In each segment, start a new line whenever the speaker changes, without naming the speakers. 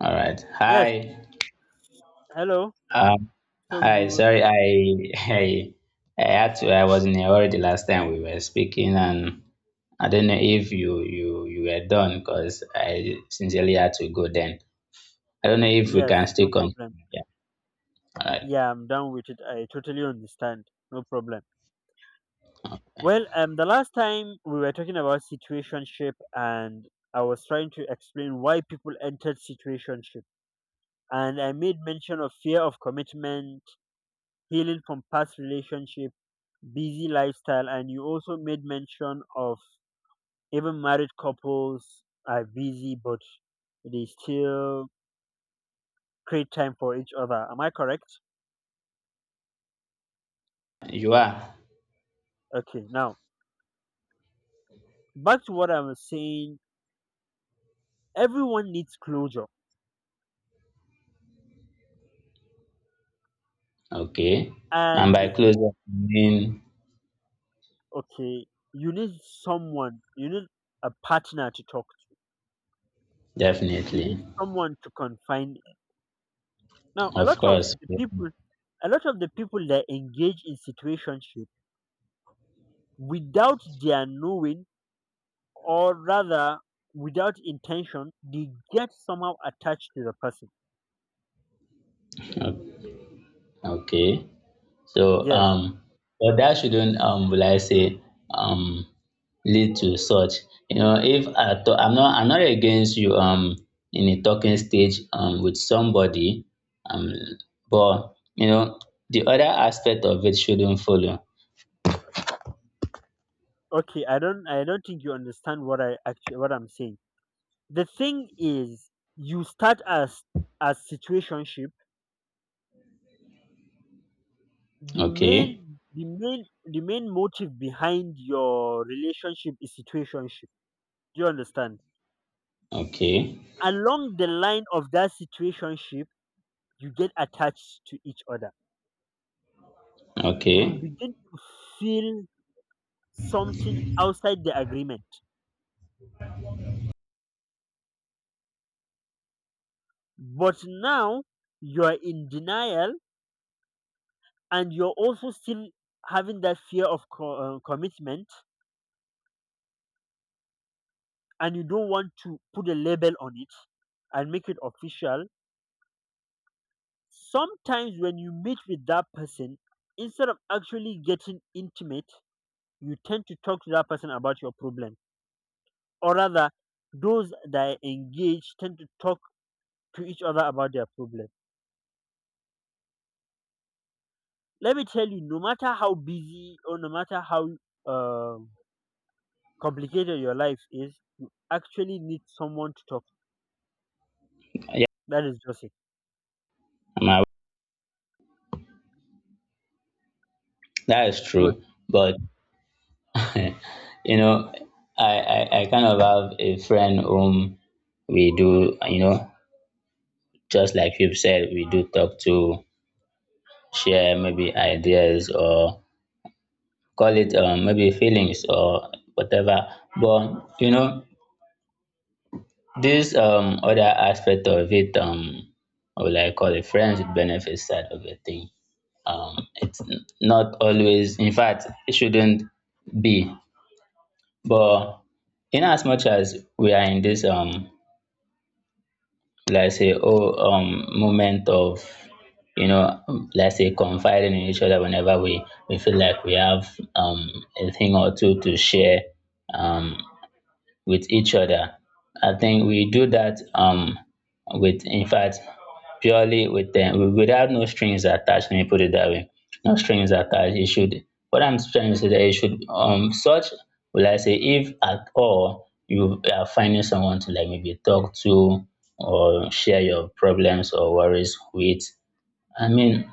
All right.
Yes,
Hi.
hello.
Um,
So
hi.
we were,
Sorry, I, I had to. I was in a hurry the last time we were speaking, and I don't know if you were done because I sincerely had to go. Then I don't know if we
yes,
can still
no
continue.
problem.
Yeah. All right.
Yeah, I'm done with it. I totally understand. No problem. Well, the last time we were talking about situationship, and I was trying to explain why people entered situationship, and I made mention of fear of commitment, healing from past relationship, busy lifestyle, and you also made mention of even married couples are busy, but they still create time for each other. Am I correct?
You are
Okay, now back to what I was saying. Everyone needs closure,
okay. And by
and
close, up, I mean
okay, you need someone, you need a partner to talk to. You
definitely,
need someone to confide in. Now, a
of
lot of
course.
the
Yeah.
people, a lot of the people that engage in situationship without their knowing, or rather without intention, they get somehow attached to the person.
O- Okay. So,
Yes.
um, but that shouldn't, will I say, um, lead to such. You know, if I to- I'm not against you, in a talking stage, with somebody, um, but you know, the other aspect of it shouldn't follow.
Okay, I don't think you understand what I'm saying. The thing is, you start as situationship. the
Okay,
main the main the main motive behind your relationship is situationship. Do you understand?
okay,
Along the line of that situationship, you get attached to each other. You
okay.
begin to feel something outside the agreement, but now you are in denial, and you're also still having that fear of commitment, and you don't want to put a label on it and make it official. Sometimes when you meet with that person, instead of actually getting intimate, you tend to talk to that person about your problem. Or rather, those that are engaged tend to talk to each other about their problem. Let me tell you, no matter how busy or no matter how um complicated your life is, you actually need someone to talk.
Yeah,
That is just it.
I'm aware. That is
Good.
true. But you know, I kind of have a friend whom we do, you know, just like you've said, we do talk to share maybe ideas or call it maybe feelings or whatever. But you know, this other aspect of it, or like call it friends with benefits side of the thing. It's not always, in fact, it shouldn't be. But in as much as we are in this like say moment of you know like say confiding in each other whenever we feel like we have a thing or two to share um with each other. I think we do that with in fact purely with them without no strings attached. Let me put it that way. No strings attached. It should what I'm trying to say that it should such will I say if at all you are finding someone to like maybe talk to or share your problems or worries with. I mean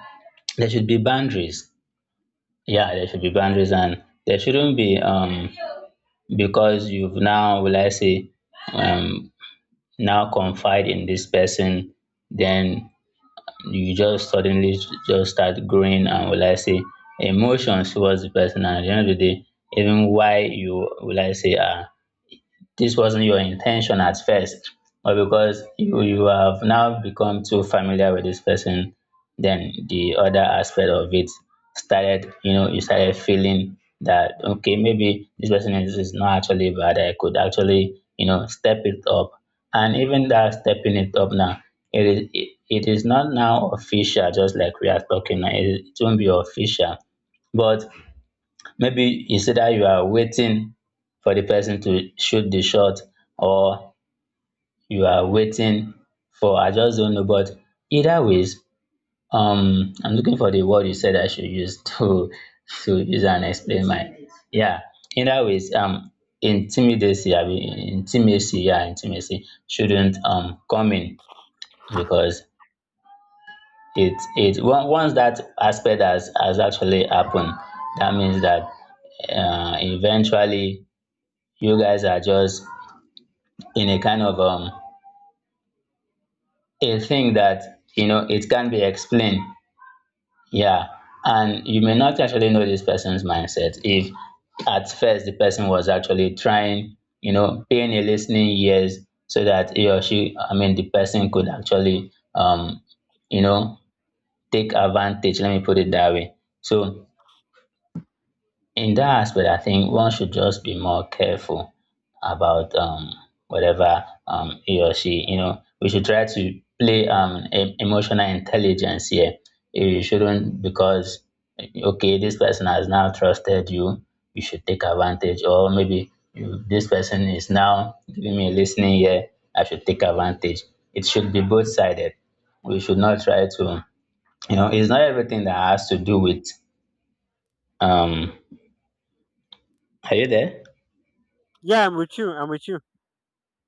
there should be boundaries. Yeah, there should be boundaries and there shouldn't be because you've now will I say um now confide in this person then you just suddenly just start growing and will I say emotions towards the person and at the end of the day even why you will I say are this wasn't your intention at first, but because you have now become too familiar with this person, then the other aspect of it started, you know, you started feeling that okay, maybe this person is not actually bad. I could actually, you know, step it up. And even that stepping it up now, it is not now official, just like we are talking now. It won't be official. But maybe it's either you are waiting for the person to shoot the shot or you are waiting for, I just don't know, but either ways, I'm looking for the word you said I should use to use and explain my yeah. Either ways, intimidacy, I mean intimacy, yeah, intimacy shouldn't come in because once that aspect has actually happened, that means that eventually you guys are just in a kind of a thing that you know it can be explained yeah and you may not actually know this person's mindset if at first the person was actually trying you know paying a listening ears so that he or she I mean the person could actually you know take advantage let me put it that way so in that aspect, I think one should just be more careful about whatever he or she, you know, we should try to play emotional intelligence here. You shouldn't, because, okay, this person has now trusted you, you should take advantage, or maybe this person is now giving me a listening ear, I should take advantage. It should be both sided. We should not try to, you know, it's not everything that has to do with, um, are you there?
Yeah, I'm with you. I'm with you.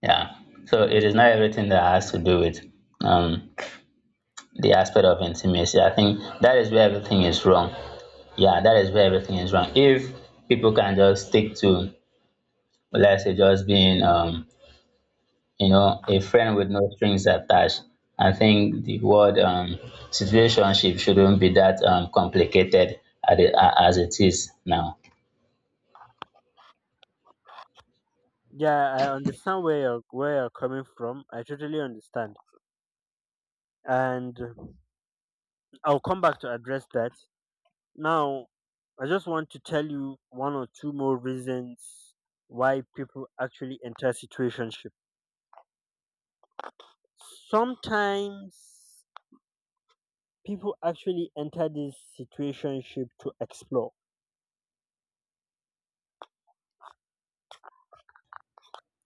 Yeah. So it is not everything that has to do with um, the aspect of intimacy. I think that is where everything is wrong. Yeah, that is where everything is wrong. If people can just stick to, let's say, just being, you know, a friend with no strings attached, I think the word situationship shouldn't be that complicated as it is now.
Yeah, I understand where you're coming from. I totally understand, and I'll come back to address that. Now, I just want to tell you one or two more reasons why people actually enter situationship. Sometimes people actually enter this situationship to explore.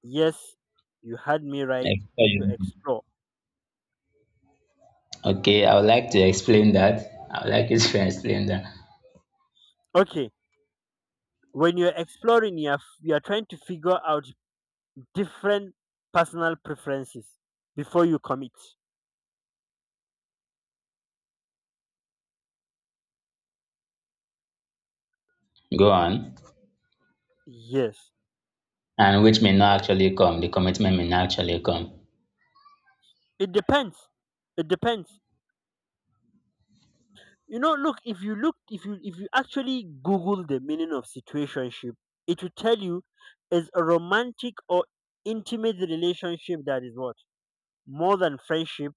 Yes, you had me right, to explore.
Okay, I would like to explain that. I would like you to explain that.
Okay, when you're exploring, you're trying to figure out different personal preferences before you commit.
Go on.
Yes.
And which may not actually come. The commitment may not actually come.
It depends. It depends. Look, if you actually Google the meaning of situationship, it will tell you is a romantic or intimate relationship that is what? More than friendship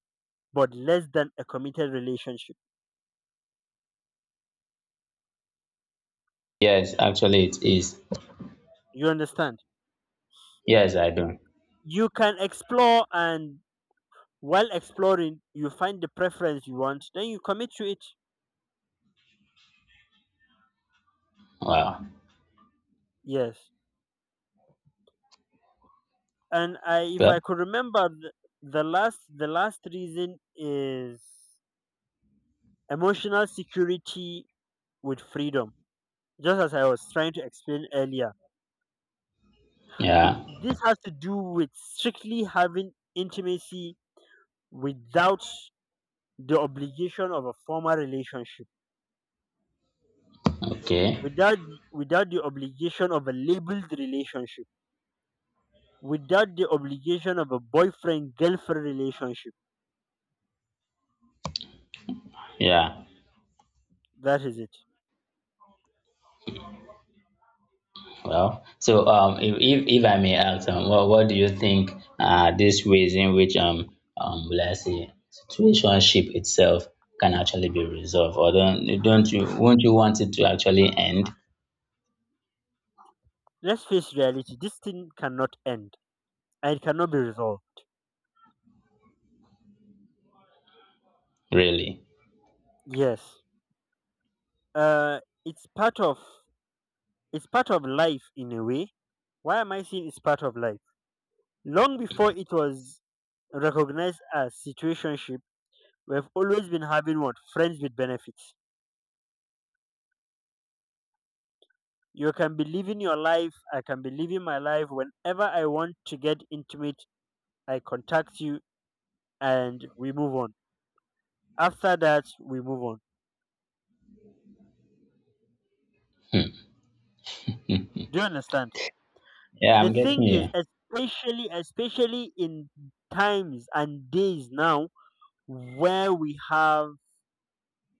but less than a committed relationship.
Yes, actually it is.
You understand?
Yes, I do.
You can explore, and while exploring you find the preference you want, then you commit to it.
Wow.
Yes. And I, if I
Well,
could remember, the last reason is emotional security with freedom. Just as I was trying to explain earlier,
yeah.
this has to do with strictly having intimacy without the obligation of a formal relationship,
Okay.
without the obligation of a labeled relationship, without the obligation of a boyfriend girlfriend relationship.
Yeah.
That is it.
Well, so if I may ask, what do you think these ways in which let's say situationship itself can actually be resolved, or don't you won't you want it to actually end
Let's face reality. This thing cannot end, and it cannot be resolved.
really?
Yes. Uh it's part of it's part of life in a way. Why am I saying it's part of life? Long before it was recognized as situationship, we've always been having what? Friends with benefits. You can be living your life, I can be living my life. Whenever I want to get intimate, I contact you and we move on. After that, we move on. Do you understand?
Yeah,
The
I'm getting
thing is,
you.
especially in times and days now, where we have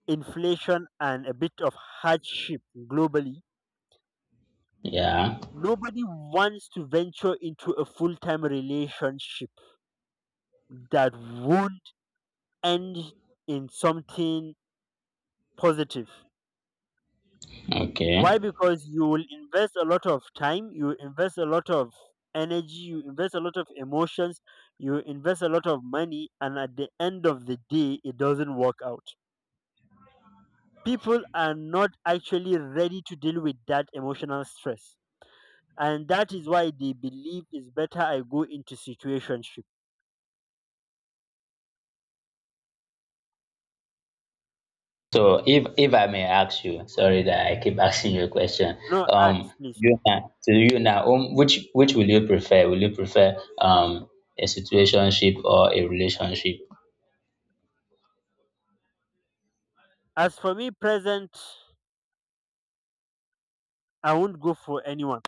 inflation and a bit of hardship globally,
Yeah.
nobody wants to venture into a full-time relationship that won't end in something positive. Why?
Okay.
Because you will invest a lot of time, you invest a lot of energy, you invest a lot of emotions, you invest a lot of money, and at the end of the day, it doesn't work out. People are not actually ready to deal with that emotional stress. And that is why they believe it's better I go into situationship.
So if I may ask you, sorry that I keep asking you a question.
No,
Um,
ask please.
to you now, which will you prefer? Will you prefer a situationship or a relationship?
As for me, present, I won't go for anyone.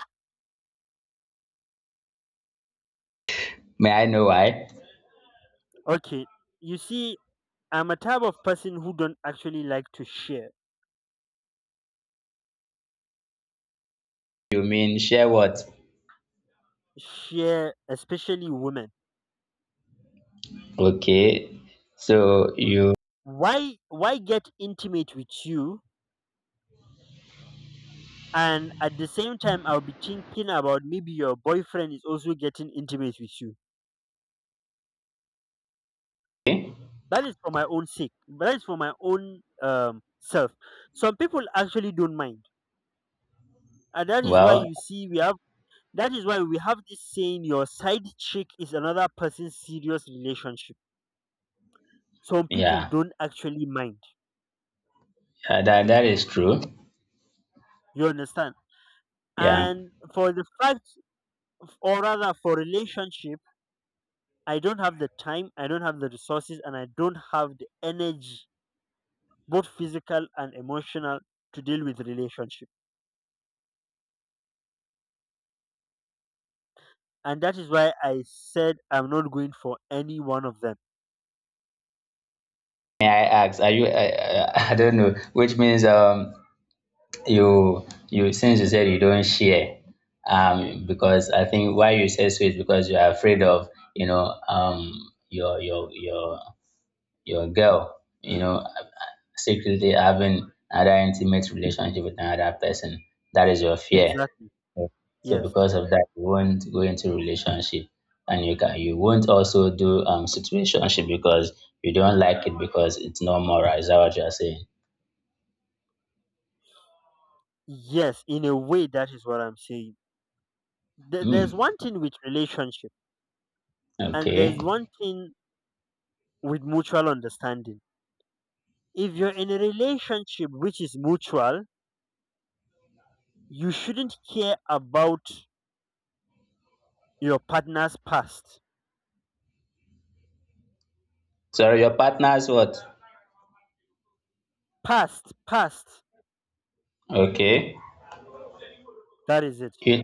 May I know why?
Okay, you see, I'm a type of person who don't actually like to share.
You mean share what?
Share, especially women.
Okay, so you
Why get intimate with you, and at the same time I'll be thinking about maybe your boyfriend is also getting intimate with you? That is for my own sake. That is for my own self. Some people actually don't mind, and that is why
well,
you see we have, that is why we have this saying: your side chick is another person's serious relationship. Some people
yeah,
don't actually mind.
yeah that that is true.
You understand?
Yeah.
And for the fact, or rather for relationship, I don't have the time, I don't have the resources, and I don't have the energy, both physical and emotional, to deal with relationship. And that is why I said I'm not going for any one of them.
May I ask? Are you? I I don't know, which means you you since you said you don't share because I think why you say so is because you're afraid of you know um your girl you know secretly having another intimate relationship with another person that is your fear
Exactly.
so
Yes.
because of that you won't go into relationship and you can you won't also do situationship because you don't like it because it's not moral is that what you're saying?
Yes. In a way, that is what I'm saying. There's
Hmm.
one thing with relationship, and
Okay,
there's one thing with mutual understanding. If you're in a relationship which is mutual, you shouldn't care about your partner's past.
so your partner's what?
Past, past.
Okay.
That is it.
You,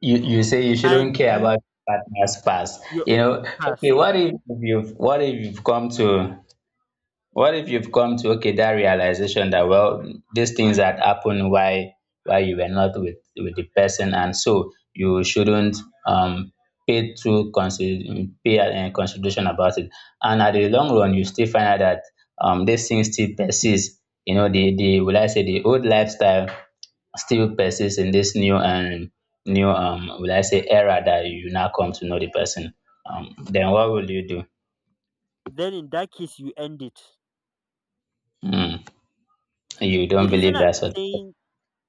you you say you shouldn't
And
care
you
about your partner's past.
you
You know,
pass.
okay, what if you've come to what if you've come to okay that realization that well these things had happened why you were not with the person and so you shouldn't um pay too consider pay consideration about it and at the long run you still find out that this thing still persists you know the will I say the old lifestyle still persists in this new and new will I say era that you now come to know the person, then what will you do?
Then in that case you end it.
Hmm. You
the
don't
reason
believe
i'm
that sort of,
saying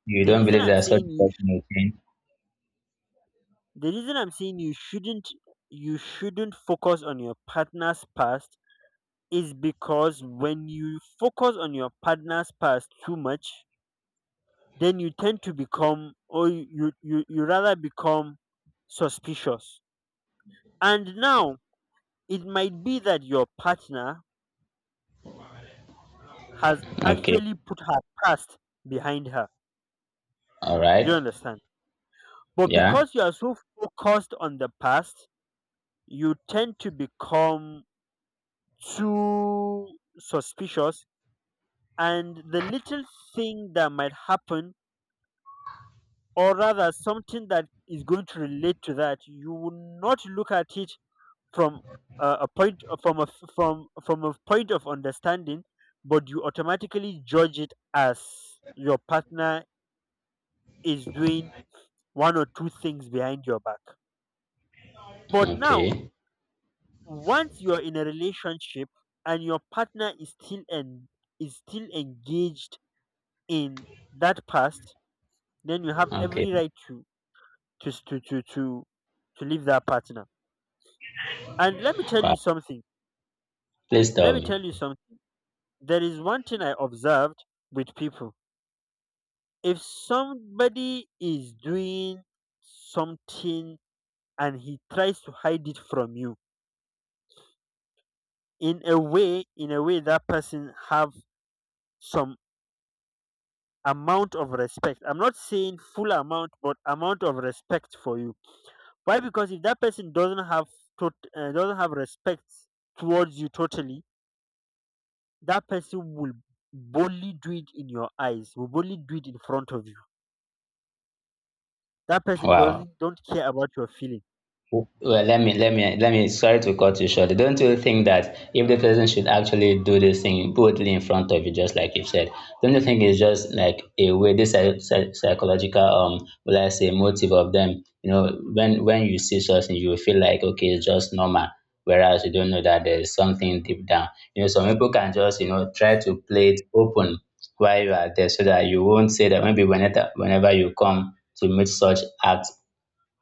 you
the
don't
reason
believe
i'm
that sort
saying
of person will change?
the reason i'm saying you shouldn't you shouldn't focus on your partner's past is because when you focus on your partner's past too much, then you tend to become, or you rather become suspicious. And now it might be that your partner has
Okay.
actually put her past behind her.
All
Do you
right.
understand? But
Yeah.
because you are so focused on the past, you tend to become too suspicious, and the little thing that might happen, or rather something that is going to relate to that, you will not look at it from a point, from a from from a point of understanding, but you automatically judge it as your partner is doing one or two things behind your back. But now,
Okay.
once you're in a relationship and your partner is still engaged in that past, then you have
Okay.
every right to s- to leave that partner. And let me tell you
Wow.
something.
Please
Let
tell
me
me.
tell you something. There is one thing I observed with people. If somebody is doing something and he tries to hide it from you, in a way that person have some amount of respect. I'm not saying full amount, but amount of respect for you. Why? Because if that person doesn't have respect towards you totally, that person will boldly do it in your eyes. Will boldly do it in front of you. That person
Wow.
doesn't don't care about your feeling.
Well, let me. Sorry to cut you short. Don't you think that if the person should actually do this thing boldly in front of you, just like you said, don't you think it's just like a way this psychological will I say, motive of them? You know, when you see something, you will feel like okay, it's just normal. Whereas you don't know that there's something deep down. You know, some people can just you know try to play it open while you are there, so that you won't say that maybe whenever you come to meet such acts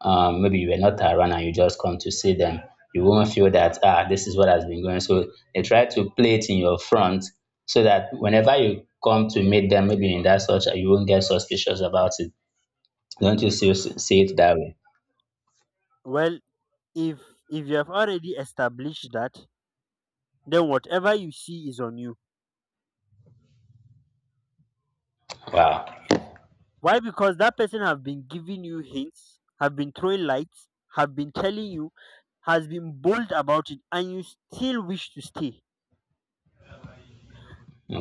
maybe you were not around and you just come to see them. You won't feel that, ah, this is what has been going. So they try to play it in your front so that whenever you come to meet them, maybe in that such, you won't get suspicious about it. Don't you see it that way?
Well, if if you have already established that, then whatever you see is on you.
Wow.
Why? Because that person have been giving you hints, have been throwing lights, have been telling you, has been bold about it, and you still wish to stay.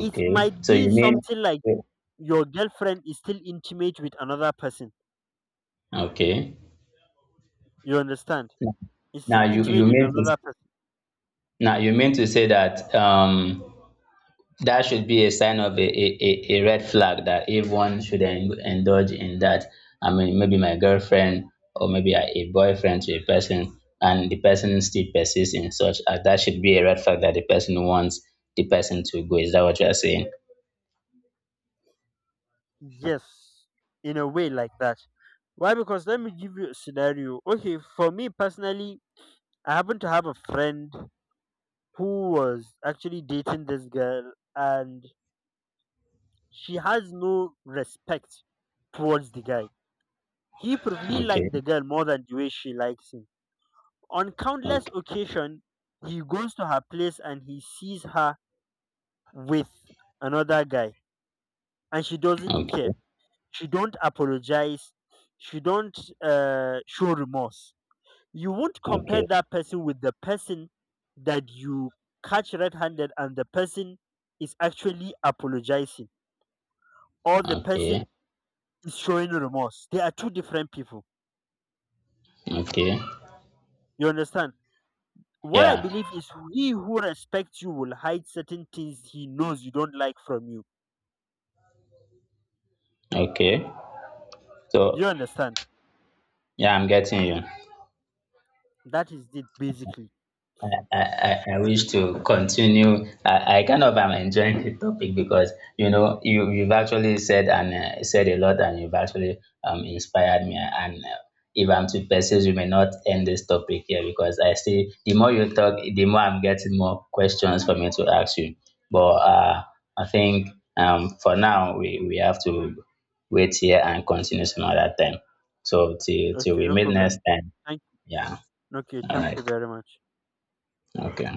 It might
So
be
you mean,
something like your girlfriend is still intimate with another person.
okay.
You understand? Is still
Now you,
intimate
you
with
mean to
another person.
now you mean to say that that should be a sign of a red flag that everyone should indulge in that. I mean, maybe my girlfriend or maybe a boyfriend to a person, and the person still persists in such. That should be a red flag that the person wants the person to go. Is that what you are saying?
Yes, in a way like that. Why? Because let me give you a scenario. Okay, for me personally, I happen to have a friend who was actually dating this girl, and she has no respect towards the guy. He
Okay,
liked the girl more than the way she likes him. On countless
okay,
occasion, he goes to her place and he sees her with another guy, and she doesn't care.
okay,
She don't apologize. She don't show remorse. You won't compare
okay,
that person with the person that you catch red-handed, and the person is actually apologizing, or the person
okay,
is showing remorse. They are two different people.
okay.
You understand? What I
Yeah,
believe is he who respects you will hide certain things he knows you don't like from you.
okay.
Do
So,
you understand?
yeah, I'm getting you.
That is it basically.
I wish to continue. I kind of am enjoying the topic because you know you've actually said and said a lot, and you've actually inspired me. And if I'm to persist, we may not end this topic here because I see the more you talk, the more I'm getting more questions for me to ask you. But I think for now we have to wait here and continue some other time. So till
Okay,
we
no
meet next
problem.
time.
Thank.
Yeah.
Okay,
All
thank
right.
you very much.
Okay.